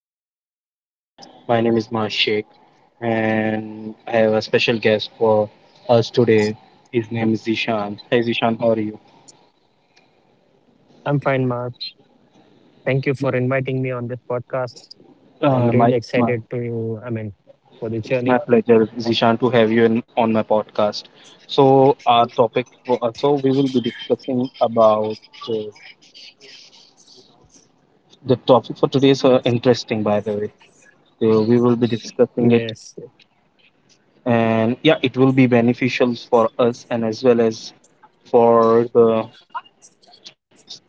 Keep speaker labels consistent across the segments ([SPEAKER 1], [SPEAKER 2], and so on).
[SPEAKER 1] back to the podcast. My name is Mars Sheikh, and I have a special guest for us today. His name is Zishan. Hey, Zishan, how are you?
[SPEAKER 2] I'm fine, Mark. Thank you for inviting me on this podcast. I'm really
[SPEAKER 1] Uh, my,
[SPEAKER 2] excited
[SPEAKER 1] my,
[SPEAKER 2] for the journey.
[SPEAKER 1] it's my pleasure, Zishan, to have you in, on my podcast. So, our topic, for, so we will be discussing about uh, the topic for today is interesting, by the way. So, we will be
[SPEAKER 2] Yes, yes,
[SPEAKER 1] discussing it, and yeah, it will be beneficial for us and as well as for the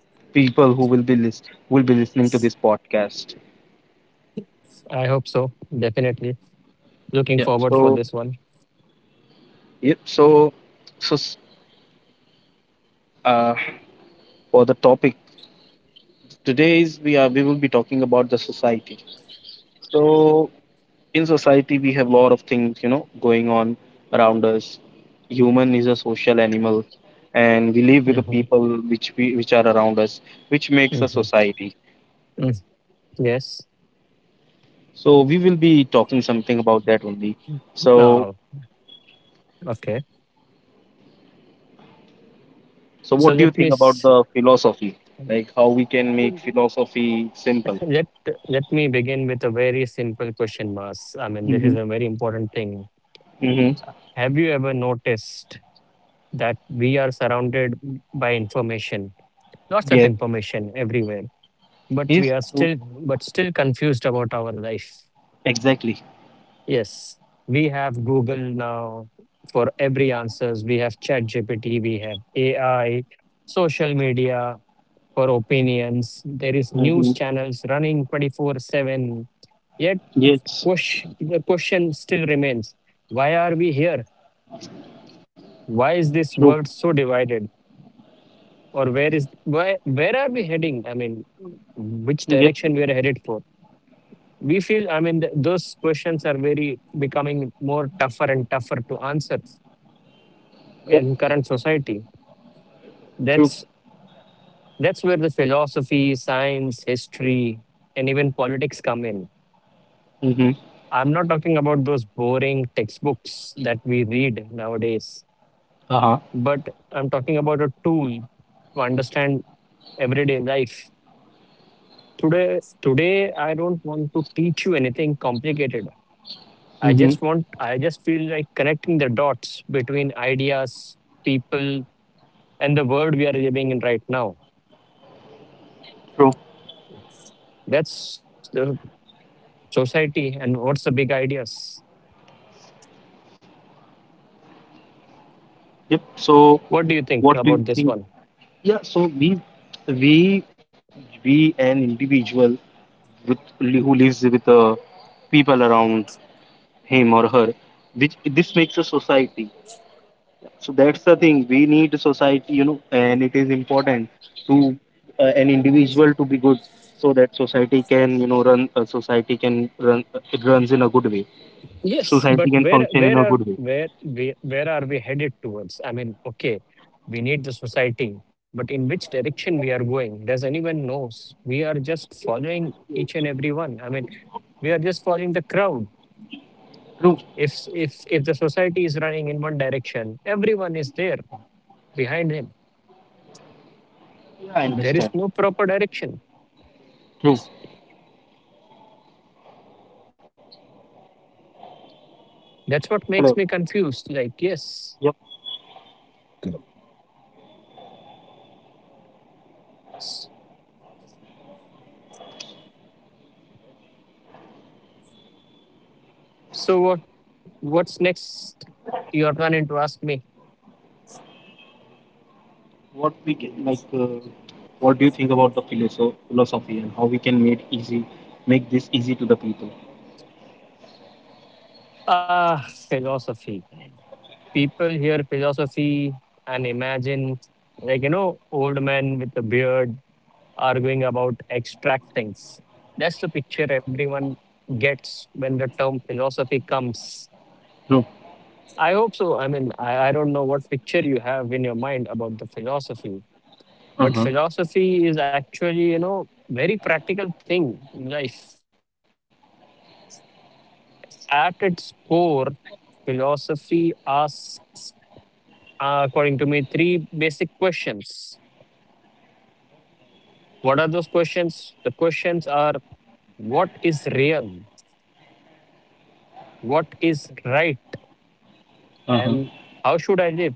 [SPEAKER 1] people who will be list who will be listening to this podcast.
[SPEAKER 2] I hope so. Definitely.
[SPEAKER 1] Yeah.
[SPEAKER 2] Looking forward
[SPEAKER 1] So
[SPEAKER 2] for this one.
[SPEAKER 1] yep. So uh, for the topic today is we will be talking about the society. So in society we have a lot of things going on around us. Human is a social animal, and we live with the
[SPEAKER 2] hmm
[SPEAKER 1] people which are around us, which makes a
[SPEAKER 2] hmm
[SPEAKER 1] society.
[SPEAKER 2] Yes.
[SPEAKER 1] So we will be talking something about that only. So
[SPEAKER 2] Uh, okay.
[SPEAKER 1] So,
[SPEAKER 2] So
[SPEAKER 1] what do you
[SPEAKER 2] let me
[SPEAKER 1] think about
[SPEAKER 2] s-
[SPEAKER 1] the philosophy? Like how we can make philosophy simple?
[SPEAKER 2] let let me begin with a very simple question, Mas. I mean, this is
[SPEAKER 1] Mm-hmm.
[SPEAKER 2] a very important thing.
[SPEAKER 1] Mm-hmm.
[SPEAKER 2] Have you ever noticed that we are surrounded by information, lots of
[SPEAKER 1] Yeah.
[SPEAKER 2] information everywhere? but we
[SPEAKER 1] Yes.
[SPEAKER 2] are
[SPEAKER 1] True.
[SPEAKER 2] still but still confused about our life.
[SPEAKER 1] Exactly.
[SPEAKER 2] Yes, we have Google now. For every answers we have chat gpt we have AI, social media for opinions. There is
[SPEAKER 1] Mm-hmm.
[SPEAKER 2] news channels running 24/7. Yet,
[SPEAKER 1] Yes.
[SPEAKER 2] the question still remains, why are we here? Why is this
[SPEAKER 1] True.
[SPEAKER 2] world so divided? Or where is why Where are we heading? I mean, which
[SPEAKER 1] Yep.
[SPEAKER 2] direction we are headed for? We feel, I mean, those questions are very becoming more tougher and tougher to answer
[SPEAKER 1] Yep,
[SPEAKER 2] in current society.
[SPEAKER 1] true.
[SPEAKER 2] that's that's where the philosophy, science, history, and even politics come in.
[SPEAKER 1] Mm-hmm.
[SPEAKER 2] I'm not talking about those boring textbooks that we read nowadays,
[SPEAKER 1] Uh-huh.
[SPEAKER 2] but I'm talking about a tool to understand everyday life. Today I don't want to teach you anything complicated.
[SPEAKER 1] Mm-hmm.
[SPEAKER 2] I just feel like connecting the dots between ideas, people, and the world we are living in right now.
[SPEAKER 1] True.
[SPEAKER 2] That's the society, and what's the big ideas?
[SPEAKER 1] Yep. So,
[SPEAKER 2] What do you think
[SPEAKER 1] what
[SPEAKER 2] about
[SPEAKER 1] do you
[SPEAKER 2] this one?
[SPEAKER 1] think? Yeah. So we, we, an individual with who lives with people around him or her, which this makes a society. So that's the thing. We need society, and it is important to an individual to be good, so that society can run. Society can run. It runs in a good way.
[SPEAKER 2] Yes,
[SPEAKER 1] Society
[SPEAKER 2] but
[SPEAKER 1] can function in a good way.
[SPEAKER 2] where are we headed towards? I mean, okay, we need the society, but in which direction we are going? Does anyone knows? We are just following each and every one. I mean, we are just following the crowd.
[SPEAKER 1] True.
[SPEAKER 2] If the society is running in one direction, everyone is there behind him.
[SPEAKER 1] Yeah, I
[SPEAKER 2] There is
[SPEAKER 1] understand.
[SPEAKER 2] no proper direction.
[SPEAKER 1] True.
[SPEAKER 2] That's what
[SPEAKER 1] Hello.
[SPEAKER 2] makes me confused, like,
[SPEAKER 1] Yep.
[SPEAKER 2] yes. s- so what what's next you're planning to ask me?
[SPEAKER 1] What we can like, What do you think about the philosophy and how we can make make this easy to the people?
[SPEAKER 2] Philosophy. People hear philosophy and imagine, like, you know, old men with a beard arguing about abstract things. That's the picture everyone gets when the term philosophy comes.
[SPEAKER 1] True.
[SPEAKER 2] I hope so. I mean, I don't know what picture you have in your mind about the philosophy,
[SPEAKER 1] Uh huh.
[SPEAKER 2] but philosophy is actually, you know, very practical thing in life. At its core, philosophy asks, according to me, three basic questions. What are those questions? The questions are, what is real, what is right,
[SPEAKER 1] Uh huh.
[SPEAKER 2] and how should I live?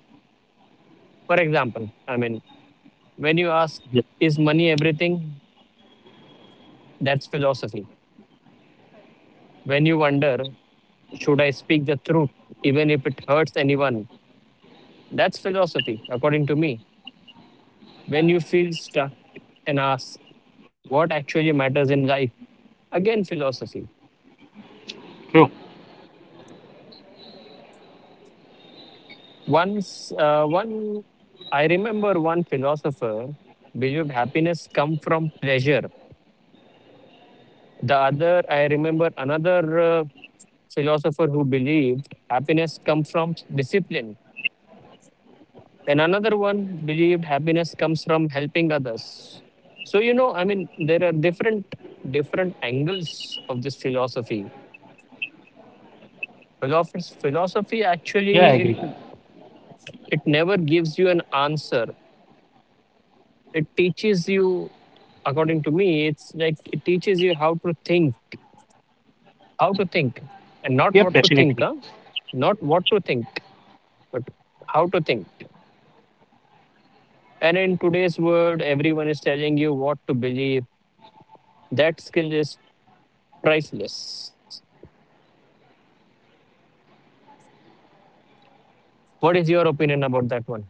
[SPEAKER 2] For example, I mean, when you ask,
[SPEAKER 1] Yep.
[SPEAKER 2] is money everything? That's philosophy. When you wonder, should I speak the truth, even if it hurts anyone? That's philosophy, according to me. When you feel stuck and ask what actually matters in life, again, philosophy.
[SPEAKER 1] True.
[SPEAKER 2] Once, uh, one, I remember one philosopher believed happiness come from pleasure. The other, I remember another philosopher who believed happiness come from discipline. And another one believed happiness comes from helping others. So, you know, I mean, there are different angles of this philosophy.
[SPEAKER 1] Yeah, I agree.
[SPEAKER 2] Philosophy actually it never gives you an answer. It teaches you, according to me, it's like it teaches you how to think, how to
[SPEAKER 1] Yep,
[SPEAKER 2] think,
[SPEAKER 1] definitely.
[SPEAKER 2] and not what to think, huh? Not what to think, but How to think. And in today's world, everyone is telling you what to believe. That skill is priceless. What is your opinion about that one?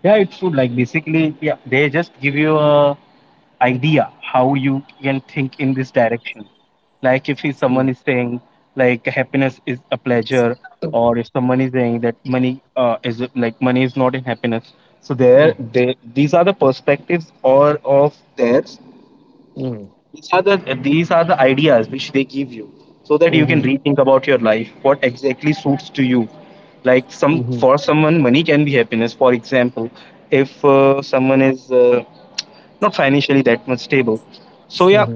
[SPEAKER 1] Yeah, it's true. Like basically, yeah, they just give you a idea how you can think in this direction. Like if someone
[SPEAKER 2] Mm,
[SPEAKER 1] is saying like happiness is a pleasure, or
[SPEAKER 2] mm,
[SPEAKER 1] if someone is saying that money is not in happiness. So they these are the perspectives or of theirs,
[SPEAKER 2] mm,
[SPEAKER 1] these are the these are the ideas which they give you so that you can
[SPEAKER 2] mhm,
[SPEAKER 1] rethink about your life, what exactly suits to you. Like
[SPEAKER 2] mhm, mhm,
[SPEAKER 1] someone, money can be happiness. For example, if someone is not financially that much stable. So yeah,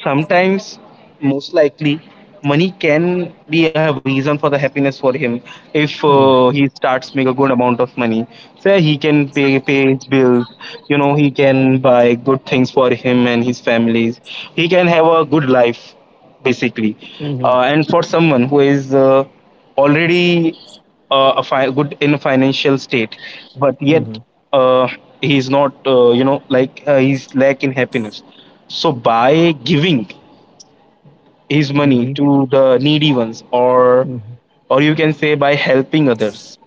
[SPEAKER 1] sometimes most likely money can be a reason for the happiness for him if
[SPEAKER 2] mm,
[SPEAKER 1] he starts make a good amount of money, so yeah, he can pay his bills, he can buy good things for him and his families, he can have a good life basically.
[SPEAKER 2] mhm,
[SPEAKER 1] And for someone who is already good in financial state, but
[SPEAKER 2] mhm,
[SPEAKER 1] yet uh, he's not he's lack in happiness, so by giving his money
[SPEAKER 2] mhm,
[SPEAKER 1] to the needy ones, or
[SPEAKER 2] mhm,
[SPEAKER 1] or you can say, by helping others,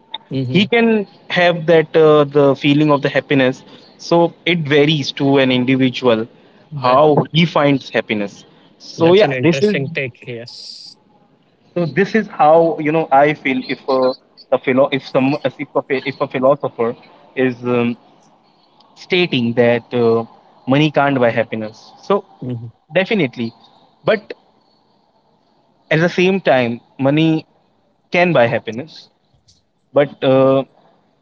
[SPEAKER 1] he
[SPEAKER 2] mhm.
[SPEAKER 1] can have that the feeling of the happiness. So it varies to an individual
[SPEAKER 2] That
[SPEAKER 1] how he finds happiness. So
[SPEAKER 2] that's an
[SPEAKER 1] yeah, this is...
[SPEAKER 2] interesting take. Yes.
[SPEAKER 1] So this is how, you know, I feel if if some if a, phi- if a philosopher is stating that money can't buy happiness. So
[SPEAKER 2] Mhm,
[SPEAKER 1] definitely, but at the same time, money can buy happiness. But uh,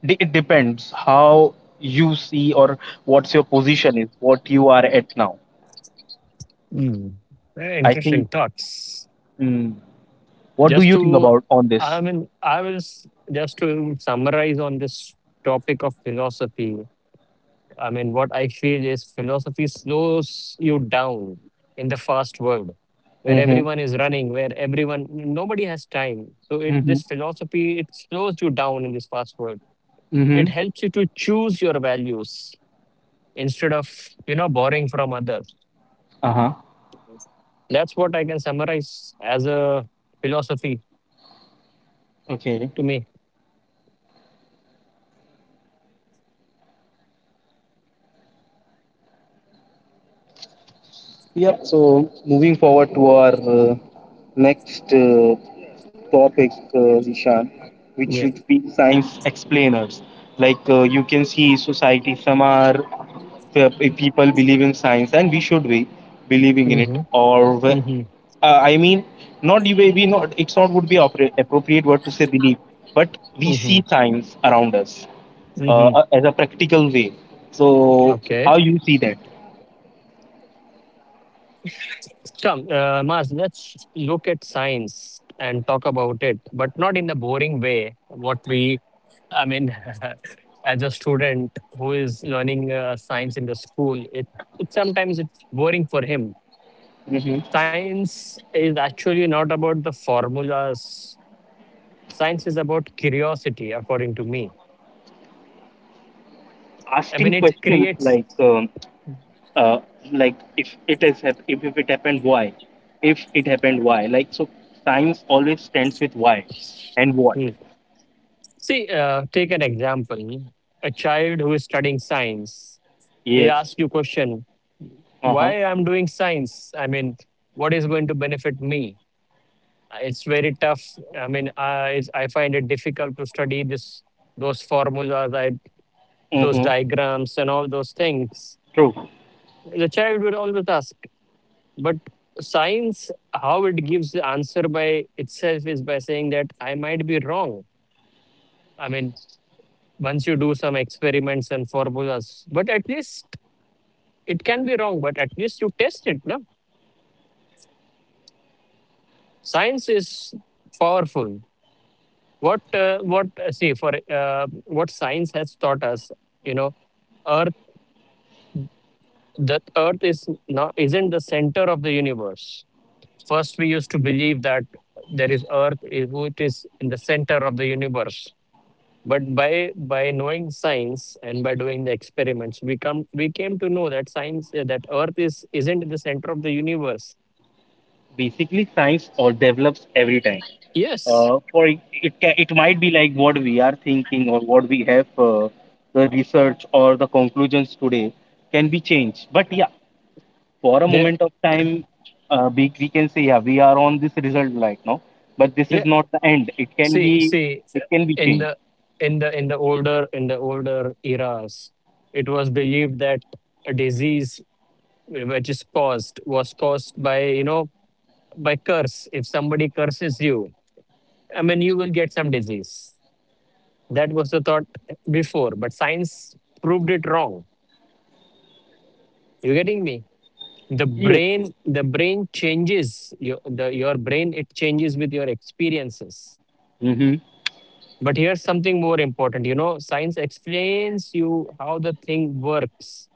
[SPEAKER 1] de- it depends how you see, or what's your position is, what you are at now.
[SPEAKER 2] mm. Very
[SPEAKER 1] I think.
[SPEAKER 2] interesting thoughts.
[SPEAKER 1] Mm, what do
[SPEAKER 2] Just
[SPEAKER 1] you think
[SPEAKER 2] to,
[SPEAKER 1] about on
[SPEAKER 2] I
[SPEAKER 1] this?
[SPEAKER 2] mean, I was Just to summarize on this topic of philosophy. I mean, what I feel is philosophy slows you down in the fast world where
[SPEAKER 1] Mm-hmm.
[SPEAKER 2] everyone is running, where everyone, nobody has time. So
[SPEAKER 1] Mm-hmm.
[SPEAKER 2] this philosophy, it slows you down in this fast world. It
[SPEAKER 1] Mm-hmm.
[SPEAKER 2] helps you to choose your values instead of, you know, borrowing from others.
[SPEAKER 1] Uh-huh.
[SPEAKER 2] That's what I can summarize as a philosophy
[SPEAKER 1] Okay.
[SPEAKER 2] to me.
[SPEAKER 1] Yep. So moving forward to our next topic, Zishan, which
[SPEAKER 2] Yeah.
[SPEAKER 1] would be science explainers. Like you can see, society some are the people believe in science, and we should be believing in it.
[SPEAKER 2] Mm-hmm.
[SPEAKER 1] Or
[SPEAKER 2] Mm-hmm.
[SPEAKER 1] I mean, not you we not. It's not would be appropriate word to say believe, but we
[SPEAKER 2] Mm-hmm.
[SPEAKER 1] see science around us
[SPEAKER 2] Mm-hmm.
[SPEAKER 1] as a practical way. So
[SPEAKER 2] Okay.
[SPEAKER 1] how you see that?
[SPEAKER 2] Mas, let's look at science and talk about it, but not in the boring way. What we, I mean, as a student who is learning science in the school, it sometimes it's boring for him. Science is actually not about the formulas. Science is about curiosity, according to me. I mean,
[SPEAKER 1] Asking
[SPEAKER 2] it
[SPEAKER 1] questions
[SPEAKER 2] creates.
[SPEAKER 1] uh, like if it happened why, like so science always stands with why and what.
[SPEAKER 2] Hmm. See, take an example. A child who is studying science, he
[SPEAKER 1] Yes.
[SPEAKER 2] asks you question,
[SPEAKER 1] Uh-huh.
[SPEAKER 2] why I'm doing science? I mean, what is going to benefit me? It's very tough. I mean, I find it difficult to study this those formulas, those
[SPEAKER 1] Mm-hmm.
[SPEAKER 2] diagrams, and all those things.
[SPEAKER 1] True.
[SPEAKER 2] The child would always ask, but science, how it gives the answer by itself is by saying that I might be wrong. I mean, once you do some experiments and formulas, but at least it can be wrong, but at least you test it. No, science is powerful. What See for what science has taught us. You know, earth the earth is not isn't the center of the universe. First we used to believe that there is earth is which is in the center of the universe, but by knowing science and by doing the experiments we came to know that science that earth is isn't in the center of the universe.
[SPEAKER 1] Basically, science all develops every time,
[SPEAKER 2] Yes,
[SPEAKER 1] for it it it might be like what we are thinking, or what we have, the research or the conclusions today can be changed, but yeah, for a
[SPEAKER 2] there.
[SPEAKER 1] moment of time, we can say, yeah, we are on this result right now, but this is not the end. It can be
[SPEAKER 2] See, in
[SPEAKER 1] changed.
[SPEAKER 2] the in the older eras, it was believed that a disease which is caused was caused by, you know, by curse. If somebody curses you, I mean, you will get some disease. That was the thought before, but science proved it wrong. You getting me?
[SPEAKER 1] Yes, yes.
[SPEAKER 2] The brain changes. Your brain, it changes with your experiences.
[SPEAKER 1] Mm-hmm.
[SPEAKER 2] But here's something more important. You know, science explains you how the thing works,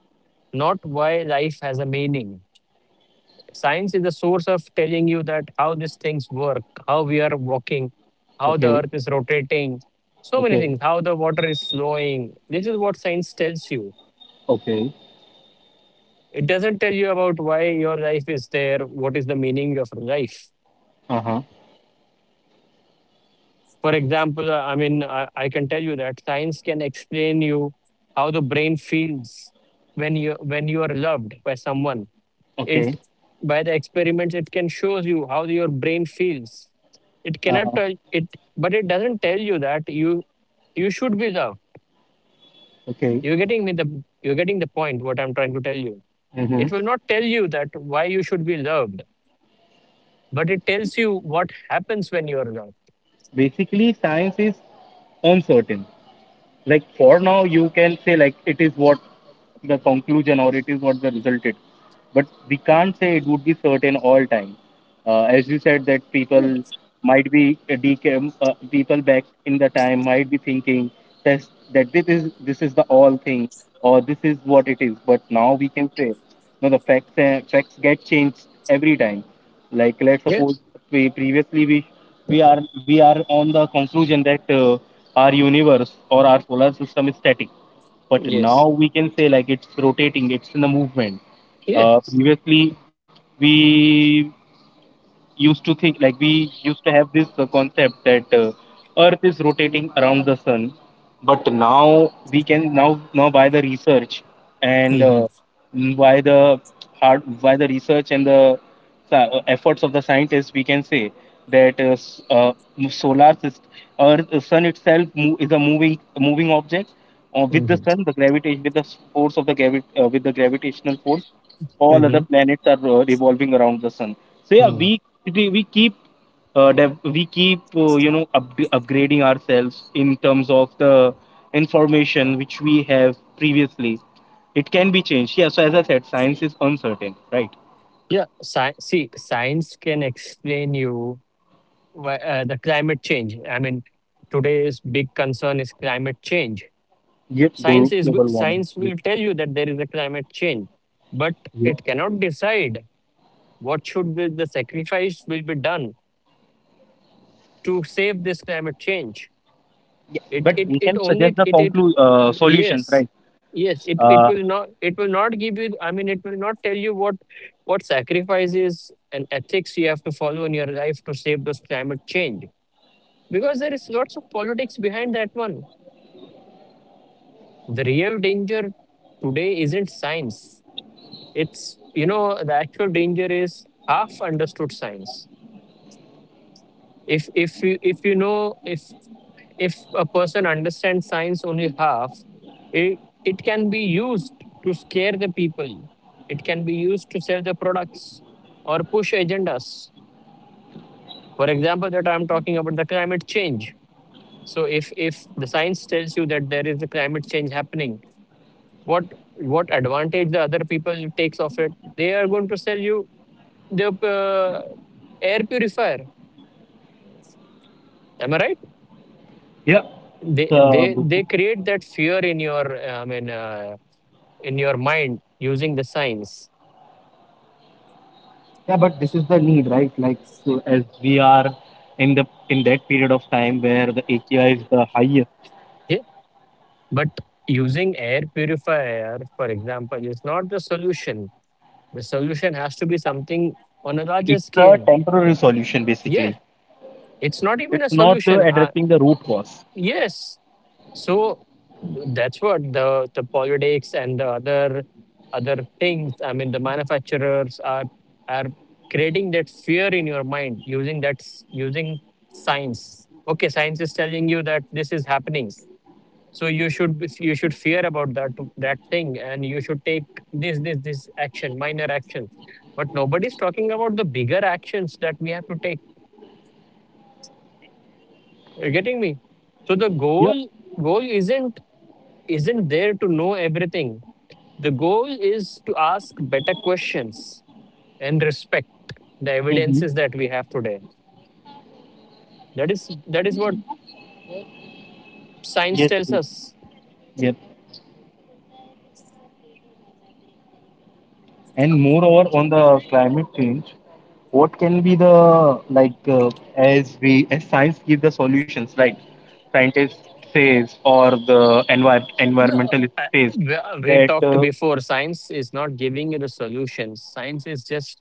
[SPEAKER 2] not why life has a meaning. Science is the source of telling you that how these things work, how we are walking, how the
[SPEAKER 1] Okay.
[SPEAKER 2] earth is rotating, so many
[SPEAKER 1] Okay.
[SPEAKER 2] things, how the water is flowing. This is what science tells you.
[SPEAKER 1] Okay.
[SPEAKER 2] It doesn't tell you about why your life is there, what is the meaning of life.
[SPEAKER 1] Uh huh.
[SPEAKER 2] For example, I can tell you that science can explain you how the brain feels when you are loved by someone. It
[SPEAKER 1] Okay.
[SPEAKER 2] by the experiments it can shows you how your brain feels. It
[SPEAKER 1] Uh
[SPEAKER 2] cannot
[SPEAKER 1] huh.
[SPEAKER 2] tell it, but it doesn't tell you that you should be loved.
[SPEAKER 1] Okay.
[SPEAKER 2] You're getting the point. What I'm trying to tell you, it
[SPEAKER 1] Mm-hmm.
[SPEAKER 2] will not tell you that why you should be loved, but it tells you what happens when you are loved.
[SPEAKER 1] Basically, science is uncertain. Like for now you can say, like it is what the conclusion, or it is what the result is, but we can't say it would be certain all time. As you said, that people might be decam people back in the time might be thinking that, this is, the all thing, or this is what it is, but now we can say no, the facts get changed every time. Like let's
[SPEAKER 2] Yes.
[SPEAKER 1] suppose, we previously we we are on the conclusion that our universe or our solar system is static, but
[SPEAKER 2] Yes.
[SPEAKER 1] now we can say like it's rotating, it's in the movement.
[SPEAKER 2] Yes.
[SPEAKER 1] Previously we we used to have this concept that earth is rotating around the sun, but now we can, now, by the research and
[SPEAKER 2] Mm-hmm.
[SPEAKER 1] by the by the research and the efforts of the scientists, we can say that solar system, earth, the sun itself, is a moving object, with the s- force of the gravi- with the gravitational force, all other
[SPEAKER 2] Mm-hmm.
[SPEAKER 1] planets are revolving around the sun. So yeah, we
[SPEAKER 2] Mm-hmm.
[SPEAKER 1] we we keep, we keep, upgrading ourselves in terms of the information which we have previously, it can be changed. Yeah, so as I said, science is uncertain, right?
[SPEAKER 2] Yeah, see, science can explain you why, the climate change. I mean, today's big concern is climate change.
[SPEAKER 1] Yes, glo- global warming.
[SPEAKER 2] Science
[SPEAKER 1] Yes,
[SPEAKER 2] will tell you that there is a climate change, but it
[SPEAKER 1] yes.
[SPEAKER 2] cannot decide what should be the sacrifice will be done to save this climate change.
[SPEAKER 1] Yeah,
[SPEAKER 2] it
[SPEAKER 1] but
[SPEAKER 2] it
[SPEAKER 1] we
[SPEAKER 2] it
[SPEAKER 1] can
[SPEAKER 2] only
[SPEAKER 1] suggest the
[SPEAKER 2] it it
[SPEAKER 1] solutions,
[SPEAKER 2] Yes,
[SPEAKER 1] right?
[SPEAKER 2] yes, it
[SPEAKER 1] uh,
[SPEAKER 2] will not, it will not give you I mean it will not tell you what sacrifices and ethics you have to follow in your life to save this climate change, because there is lots of politics behind that one. The real danger today isn't science. It's, you know, the actual danger is half understood science. If you know If a person understands science only half, it can be used to scare the people. It can be used to sell the products or push agendas. For example, that I'm talking about the climate change. So if the science tells you that there is a climate change happening, what what advantage the other people takes of it? They are going to sell you the, uh, air purifier. Am I right?
[SPEAKER 1] Yeah. So
[SPEAKER 2] They create that fear in your, in your mind using the science.
[SPEAKER 1] yeah, but this is the need, right? Like so as we are in the in that period of time where the AQI is the highest,
[SPEAKER 2] Yeah? But using air purifier, for example, is not the solution. The solution has to be something on a larger
[SPEAKER 1] it's a
[SPEAKER 2] scale.
[SPEAKER 1] temporary solution
[SPEAKER 2] Yeah,
[SPEAKER 1] basically.
[SPEAKER 2] it's not even
[SPEAKER 1] It's
[SPEAKER 2] a
[SPEAKER 1] not
[SPEAKER 2] solution,
[SPEAKER 1] addressing the root cause.
[SPEAKER 2] yes. So that's what the politics and the other things. I mean, the manufacturers are are creating that fear in your mind using science. Okay, science is telling you that this is happening, so you should you should fear about that that thing, and you should take this action, minor action. But nobody's talking about the bigger actions that we have to take. You're getting me? So the
[SPEAKER 1] Yeah.
[SPEAKER 2] goal, goal isn't isn't there to know everything. The goal is to ask better questions and respect the
[SPEAKER 1] Mm-hmm.
[SPEAKER 2] evidences that we have today. That is what science
[SPEAKER 1] Yes,
[SPEAKER 2] tells
[SPEAKER 1] yes.
[SPEAKER 2] us.
[SPEAKER 1] Yes. And moreover, on the climate change, what can be the like, as we, as science give the solutions, right? Scientists says, or the
[SPEAKER 2] No,
[SPEAKER 1] environmentalist
[SPEAKER 2] I-
[SPEAKER 1] says
[SPEAKER 2] we we
[SPEAKER 1] that,
[SPEAKER 2] talked before. Science is not giving you the solutions. Science is just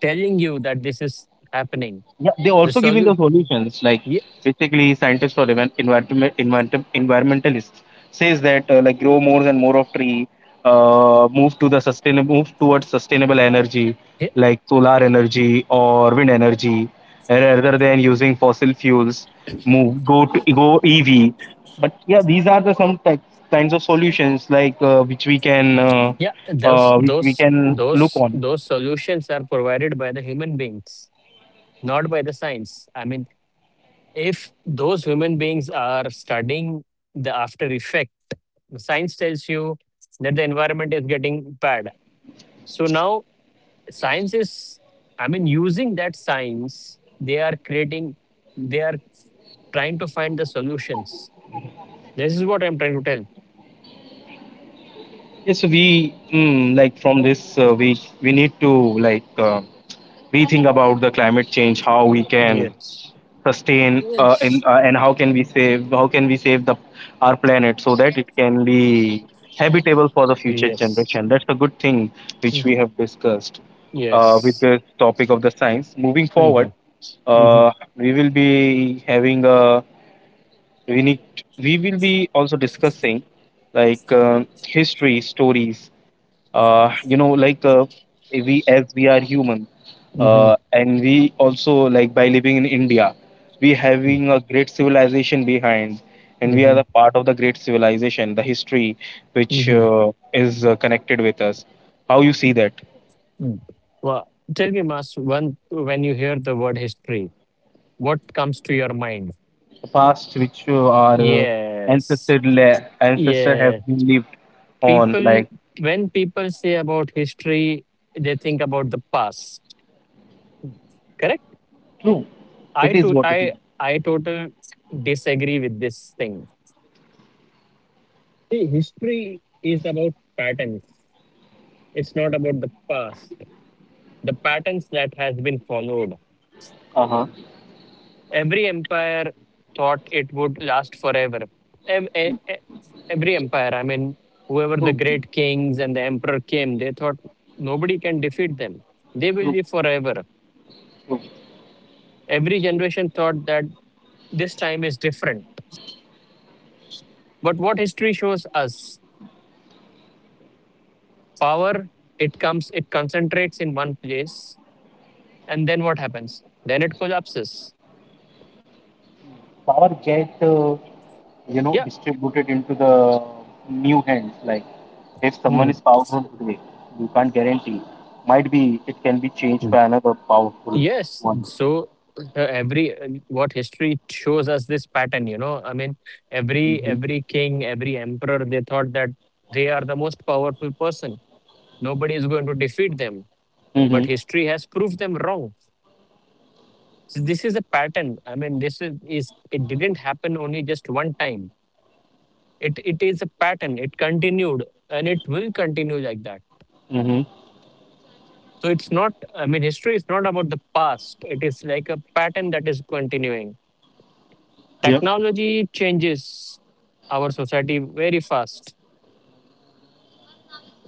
[SPEAKER 2] telling you that this is happening.
[SPEAKER 1] yeah, they
[SPEAKER 2] The
[SPEAKER 1] also giving the
[SPEAKER 2] solution,
[SPEAKER 1] solutions. Like
[SPEAKER 2] yeah,
[SPEAKER 1] basically, scientists, or even environmentalists says that, like, grow more and more of tree, move to the sustainable, move towards sustainable energy
[SPEAKER 2] yeah,
[SPEAKER 1] like solar energy or wind energy, rather than using fossil fuels. Move, go to, go EV. But yeah, these are the some types, kinds of solutions like,
[SPEAKER 2] yeah, those
[SPEAKER 1] which we
[SPEAKER 2] those
[SPEAKER 1] can look
[SPEAKER 2] those
[SPEAKER 1] on.
[SPEAKER 2] those solutions are provided by the human beings, not by the science. I mean, if those human beings are studying the after effect. Science tells you that the environment is getting bad, so now science is, I mean, using that science they are creating, they are trying to find the solutions. This is what I'm trying to tell.
[SPEAKER 1] Yes, so we, mm, like from this, we need to, like, rethink about the climate change, how we can
[SPEAKER 2] Yes.
[SPEAKER 1] sustain, and how can we save the our planet so that it can be habitable for the future
[SPEAKER 2] Yes.
[SPEAKER 1] generation. That's a good thing which
[SPEAKER 2] Mm.
[SPEAKER 1] we have discussed, with
[SPEAKER 2] Yes.
[SPEAKER 1] the topic of the science. Moving forward,
[SPEAKER 2] Hmm. Hmm.
[SPEAKER 1] we will be having a, we need we will be also discussing like, history stories, you know, like, we, as we are human,
[SPEAKER 2] Hmm.
[SPEAKER 1] and we also, like, by living in India, we having a great civilization behind, and we are
[SPEAKER 2] Hmm.
[SPEAKER 1] the part of the great civilization, the history which is connected with us. How you see that?
[SPEAKER 2] Hmm. Well, tell me, mas one, when you hear the word history, what comes to your mind?
[SPEAKER 1] The past which our
[SPEAKER 2] Yes.
[SPEAKER 1] ancestor have
[SPEAKER 2] Yes.
[SPEAKER 1] been lived on,
[SPEAKER 2] People,
[SPEAKER 1] like.
[SPEAKER 2] when people say about history, they think about the past, correct?
[SPEAKER 1] True.
[SPEAKER 2] i
[SPEAKER 1] It
[SPEAKER 2] to
[SPEAKER 1] is what
[SPEAKER 2] i
[SPEAKER 1] it is.
[SPEAKER 2] i totally disagree with this thing. See, history is about patterns. It's not about the past. The patterns that has been followed.
[SPEAKER 1] Uh huh.
[SPEAKER 2] Every empire thought it would last forever. Ev- e- e- every empire, I mean, whoever the
[SPEAKER 1] True.
[SPEAKER 2] great kings and the emperor came, they thought nobody can defeat them, they will
[SPEAKER 1] True.
[SPEAKER 2] live forever.
[SPEAKER 1] True.
[SPEAKER 2] Every generation thought that this time is different. But what history shows us, power, it comes, it concentrates in one place. And then what happens? Then it collapses.
[SPEAKER 1] Power get, you know,
[SPEAKER 2] Yeah.
[SPEAKER 1] distributed into the new hands, like if someone
[SPEAKER 2] Mm.
[SPEAKER 1] is powerful today, you can't guarantee, might be it can be changed
[SPEAKER 2] Mm.
[SPEAKER 1] by another powerful
[SPEAKER 2] Yes.
[SPEAKER 1] one.
[SPEAKER 2] So, every what history shows us this pattern, I mean, every
[SPEAKER 1] Mm-hmm.
[SPEAKER 2] every king, every emperor, they thought that they are the most powerful person, nobody is going to defeat them. But
[SPEAKER 1] Mm-hmm.
[SPEAKER 2] history has proved them wrong. So this is a pattern, I mean, this is it didn't happen only just one time. It is a pattern, it continued, and it will continue like that.
[SPEAKER 1] Hmm.
[SPEAKER 2] So it's not, I mean, history is not about the past, it is like a pattern that is continuing.
[SPEAKER 1] Yep.
[SPEAKER 2] Technology changes our society very fast.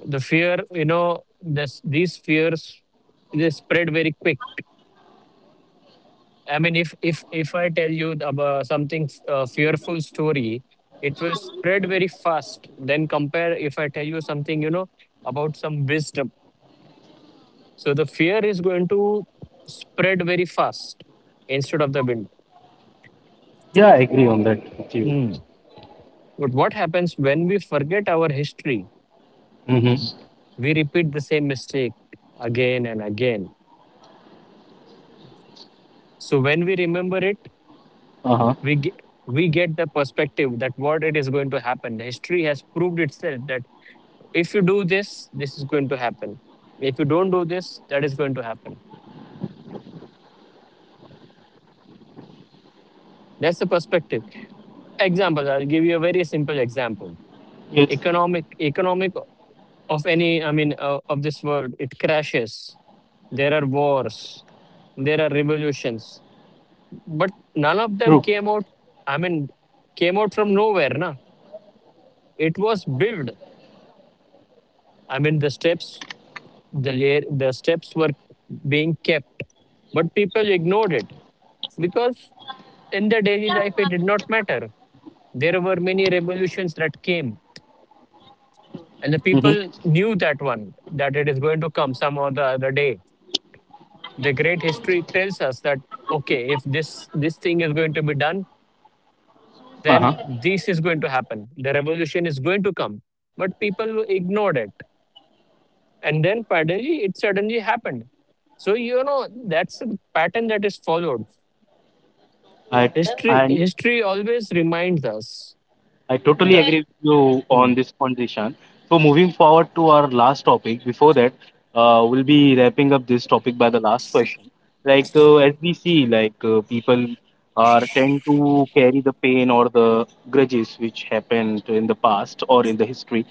[SPEAKER 2] The fear, this these fears, they spread very quick. I mean, if I tell you about something, fearful story, it will spread very fast then compare if I tell you something, about some wisdom. So the fear is going to spread very fast instead of the wind. Hmm. But what happens when we forget our history?
[SPEAKER 1] Mm-hmm.
[SPEAKER 2] We repeat the same mistake again and again. So when we remember it,
[SPEAKER 1] Uh-huh.
[SPEAKER 2] we ge- we get the perspective that what it is going to happen. History has proved itself that if you do this, this is going to happen. If you don't do this, that is going to happen. That's the perspective. Examples. I'll give you a very simple example.
[SPEAKER 1] Yes.
[SPEAKER 2] Economic of any, I mean, of this world, it crashes. There are wars, there are revolutions.
[SPEAKER 1] True.
[SPEAKER 2] But none of them came out, I mean, came out from nowhere na. It was built, I mean, the steps, the layer, the steps were being kept, but people ignored it because in their daily life it did not matter. There were many revolutions that came,
[SPEAKER 1] Mm-hmm.
[SPEAKER 2] and the people knew that one, that it is going to come some other day. The great history tells us that, okay, if this thing is going to be done,
[SPEAKER 1] Uh-huh.
[SPEAKER 2] then this is going to happen, the revolution is going to come. But people ignored it, and then finally it suddenly happened. So you know that's a pattern that is followed.
[SPEAKER 1] i i
[SPEAKER 2] History always reminds us
[SPEAKER 1] I totally, okay,
[SPEAKER 2] that.
[SPEAKER 1] agree with you
[SPEAKER 2] Hmm.
[SPEAKER 1] on this point, Dishan. So moving forward to our last topic. Before that, we'll be wrapping up this topic by the last question. Like, as we see, like, people are tend to carry the pain or the grudges which happened in the past or in the history,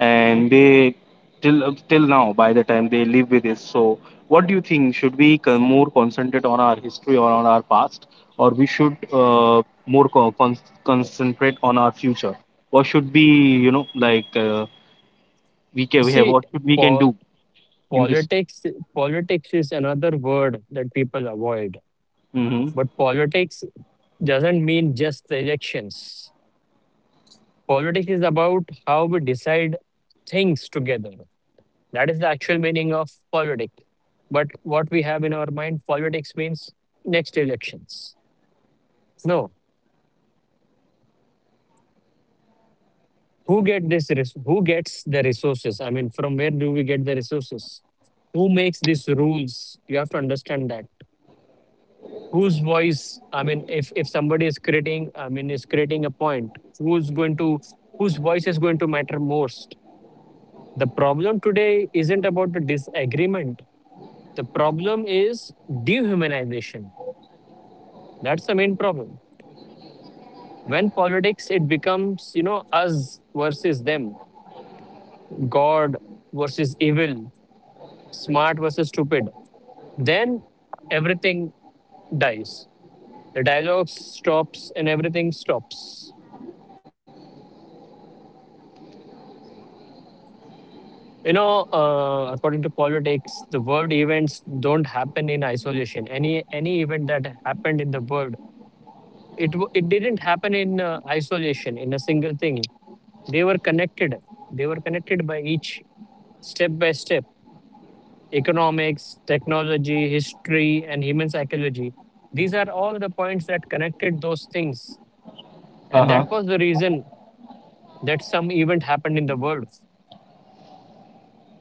[SPEAKER 1] and they, till now by the time they live with this. So what do you think? Should we more concentrate on our history or on our past, or we should, more concentrate on our future? What should be, you know, like, we can we have,
[SPEAKER 2] see
[SPEAKER 1] what should we can
[SPEAKER 2] pol-
[SPEAKER 1] do in this?
[SPEAKER 2] politics politics is another word that people avoid.
[SPEAKER 1] Hmm.
[SPEAKER 2] But politics doesn't mean just the elections. Politics is about how we decide things together. That is the actual meaning of politics. But what we have in our mind, politics means next elections. No, who get this? Who gets the resources? I mean, from where do we get the resources? Who makes these rules? You have to understand that. Whose voice? I mean, if somebody is creating, I mean, is creating a point, whose voice is going to matter most? The problem today isn't about the disagreement. The problem is dehumanization. That's the main problem. When politics, it becomes, us versus them, God versus evil, smart versus stupid. Then everything dies. The dialogue stops and everything stops. According to politics, the world events don't happen in isolation. Any event that happened in the world, it didn't happen in isolation in a single thing. they were connected they were connected by each step by step. Economics, technology, history, and human psychology, these are all the points that connected those things. And
[SPEAKER 1] Uh-huh.
[SPEAKER 2] that was the reason that some event happened in the world.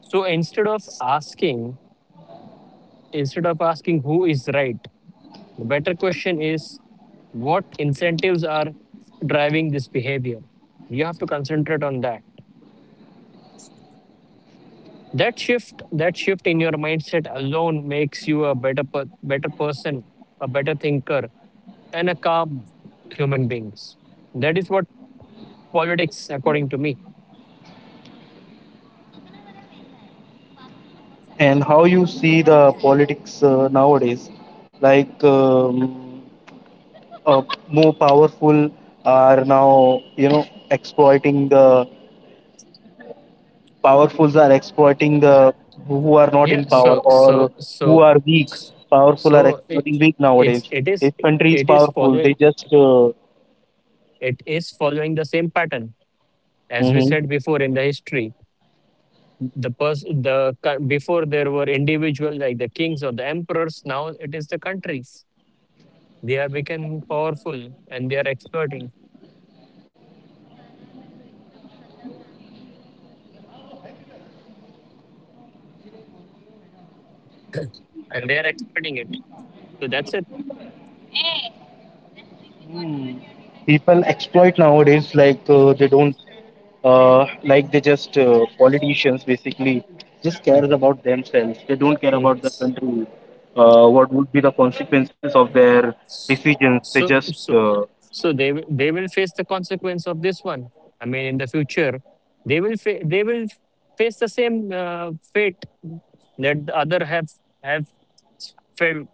[SPEAKER 2] So instead of asking who is right, the better question is what incentives are driving this behavior. You have to concentrate on that. That shift in your mindset alone makes you a better better person, a better thinker, and a calm human beings. That is what politics according to me.
[SPEAKER 1] And how you see the politics nowadays? Like, uh, more powerful are now, you know, exploiting the, powerfuls are exploiting the who are not
[SPEAKER 2] Yeah,
[SPEAKER 1] in power,
[SPEAKER 2] so so
[SPEAKER 1] or who
[SPEAKER 2] so
[SPEAKER 1] are weak. Powerful are
[SPEAKER 2] so it,
[SPEAKER 1] exploiting weak
[SPEAKER 2] it's
[SPEAKER 1] nowadays. If
[SPEAKER 2] it
[SPEAKER 1] country is
[SPEAKER 2] is following
[SPEAKER 1] powerful, they just,
[SPEAKER 2] it is following the same pattern as we
[SPEAKER 1] hmm,
[SPEAKER 2] said before in the history. The person the co- Before there were individuals like the kings or the emperors, now it is the countries. They are becoming powerful, and they are experting, and they are exploiting it. So that's it.
[SPEAKER 1] people exploit nowadays, like, they don't, like they just, politicians basically just cares
[SPEAKER 2] Mhm.
[SPEAKER 1] about themselves, they don't care about the
[SPEAKER 2] It's-
[SPEAKER 1] country, what would be the consequences of their decisions. They
[SPEAKER 2] So
[SPEAKER 1] just,
[SPEAKER 2] so so they will face the consequence of this one. I mean, in the future, they will face the same fate that the other have felt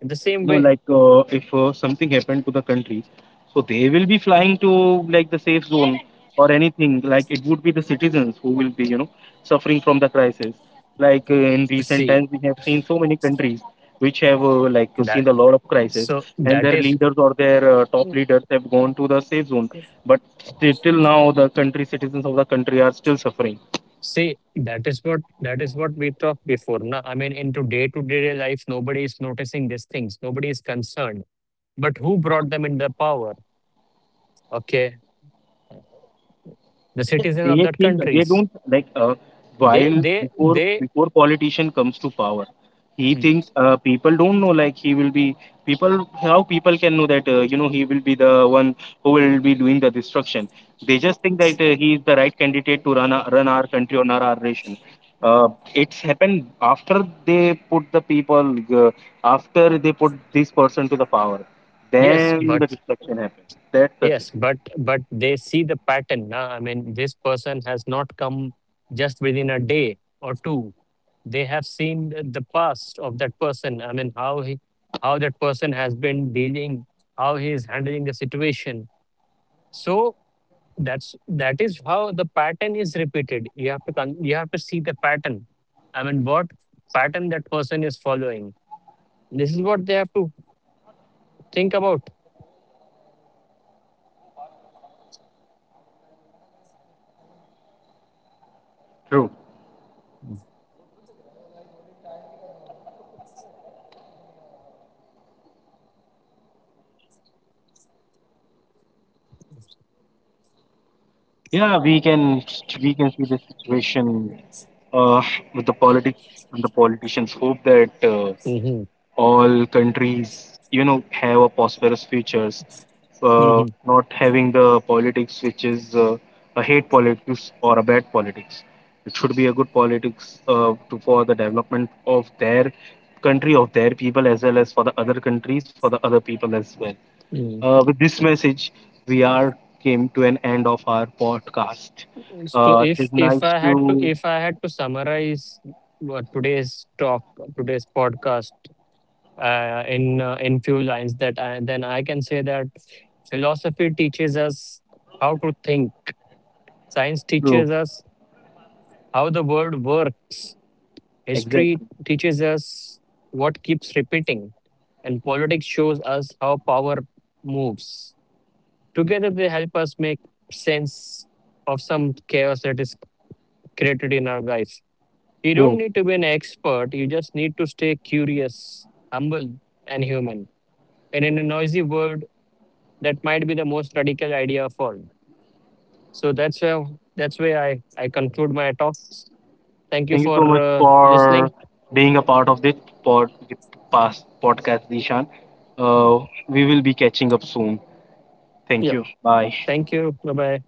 [SPEAKER 2] in the same
[SPEAKER 1] no,
[SPEAKER 2] way.
[SPEAKER 1] like, if something happened to the country, so they will be flying to like the safe zone or anything. Like, it would be the citizens who will be, you know, suffering from the crisis. Like, in recent
[SPEAKER 2] See
[SPEAKER 1] times, we have seen so many countries which have, like, seen
[SPEAKER 2] that.
[SPEAKER 1] a lot of crisis,
[SPEAKER 2] So
[SPEAKER 1] and
[SPEAKER 2] that
[SPEAKER 1] their
[SPEAKER 2] is
[SPEAKER 1] leaders or their top leaders have gone to the safe zone. But still, till now, the country, citizens of the country are still suffering.
[SPEAKER 2] see that is what that is what we talked before. Na? I mean, into day to day life, nobody is noticing these things. Nobody is concerned. But who brought them in the power? Okay, the citizens of
[SPEAKER 1] They
[SPEAKER 2] that
[SPEAKER 1] think they
[SPEAKER 2] countries.
[SPEAKER 1] don't, like,
[SPEAKER 2] They,
[SPEAKER 1] while,
[SPEAKER 2] they,
[SPEAKER 1] before
[SPEAKER 2] they.
[SPEAKER 1] before politician comes to power, he
[SPEAKER 2] Mm,
[SPEAKER 1] thinks, people don't know, like he will be people, how people can know that, you know, he will be the one who will be doing the destruction. They just think that, he is the right candidate to run our country or our nation. uh, it's happened after they put the people, uh, after they put this person to the power,
[SPEAKER 2] Yes,
[SPEAKER 1] then the
[SPEAKER 2] but
[SPEAKER 1] destruction happened. That's the thing.
[SPEAKER 2] yes, but they see the pattern. Nah, I mean, this person has not come just within a day or two. They have seen the past of that person. I mean, how he, how that person has been dealing, how he is handling the situation. So, that is how the pattern is repeated. You have to see the pattern. I mean, what pattern that person is following. This is what they have to think about.
[SPEAKER 1] True. Yeah, we can, we can see the situation, uh, with the politic and the politicians, hope that,
[SPEAKER 2] Hmm.
[SPEAKER 1] all countries, you know, have a prosperous futures.
[SPEAKER 2] Hmm.
[SPEAKER 1] Not having the politics which is, a hate politics or a bad politics. It should be a good politics, to, for the development of their country, of their people, as well as for the other countries, for the other people as well. With this message, we are came to an end of our podcast.
[SPEAKER 2] So
[SPEAKER 1] It is
[SPEAKER 2] if
[SPEAKER 1] nice
[SPEAKER 2] I had to
[SPEAKER 1] to...
[SPEAKER 2] if I had to summarize what today's talk today's podcast in few lines then I can say that philosophy teaches us how to think. Science
[SPEAKER 1] True,
[SPEAKER 2] teaches us how the world works. History
[SPEAKER 1] exactly.
[SPEAKER 2] teaches us what keeps repeating, and politics shows us how power moves. Together, they help us make sense of some chaos that is created in our lives. You don't
[SPEAKER 1] True.
[SPEAKER 2] need to be an expert, you just need to stay curious, humble, and human. And in a noisy world, that might be the most radical idea of all. So that's where I conclude my talks. Thank you
[SPEAKER 1] Thank you
[SPEAKER 2] for
[SPEAKER 1] so much for
[SPEAKER 2] listening.
[SPEAKER 1] being a part of this pod, the past podcast, Dishan.
[SPEAKER 2] Mm.
[SPEAKER 1] We will be catching up soon. Thank
[SPEAKER 2] Yeah.
[SPEAKER 1] you. Bye.
[SPEAKER 2] Thank you. Bye bye.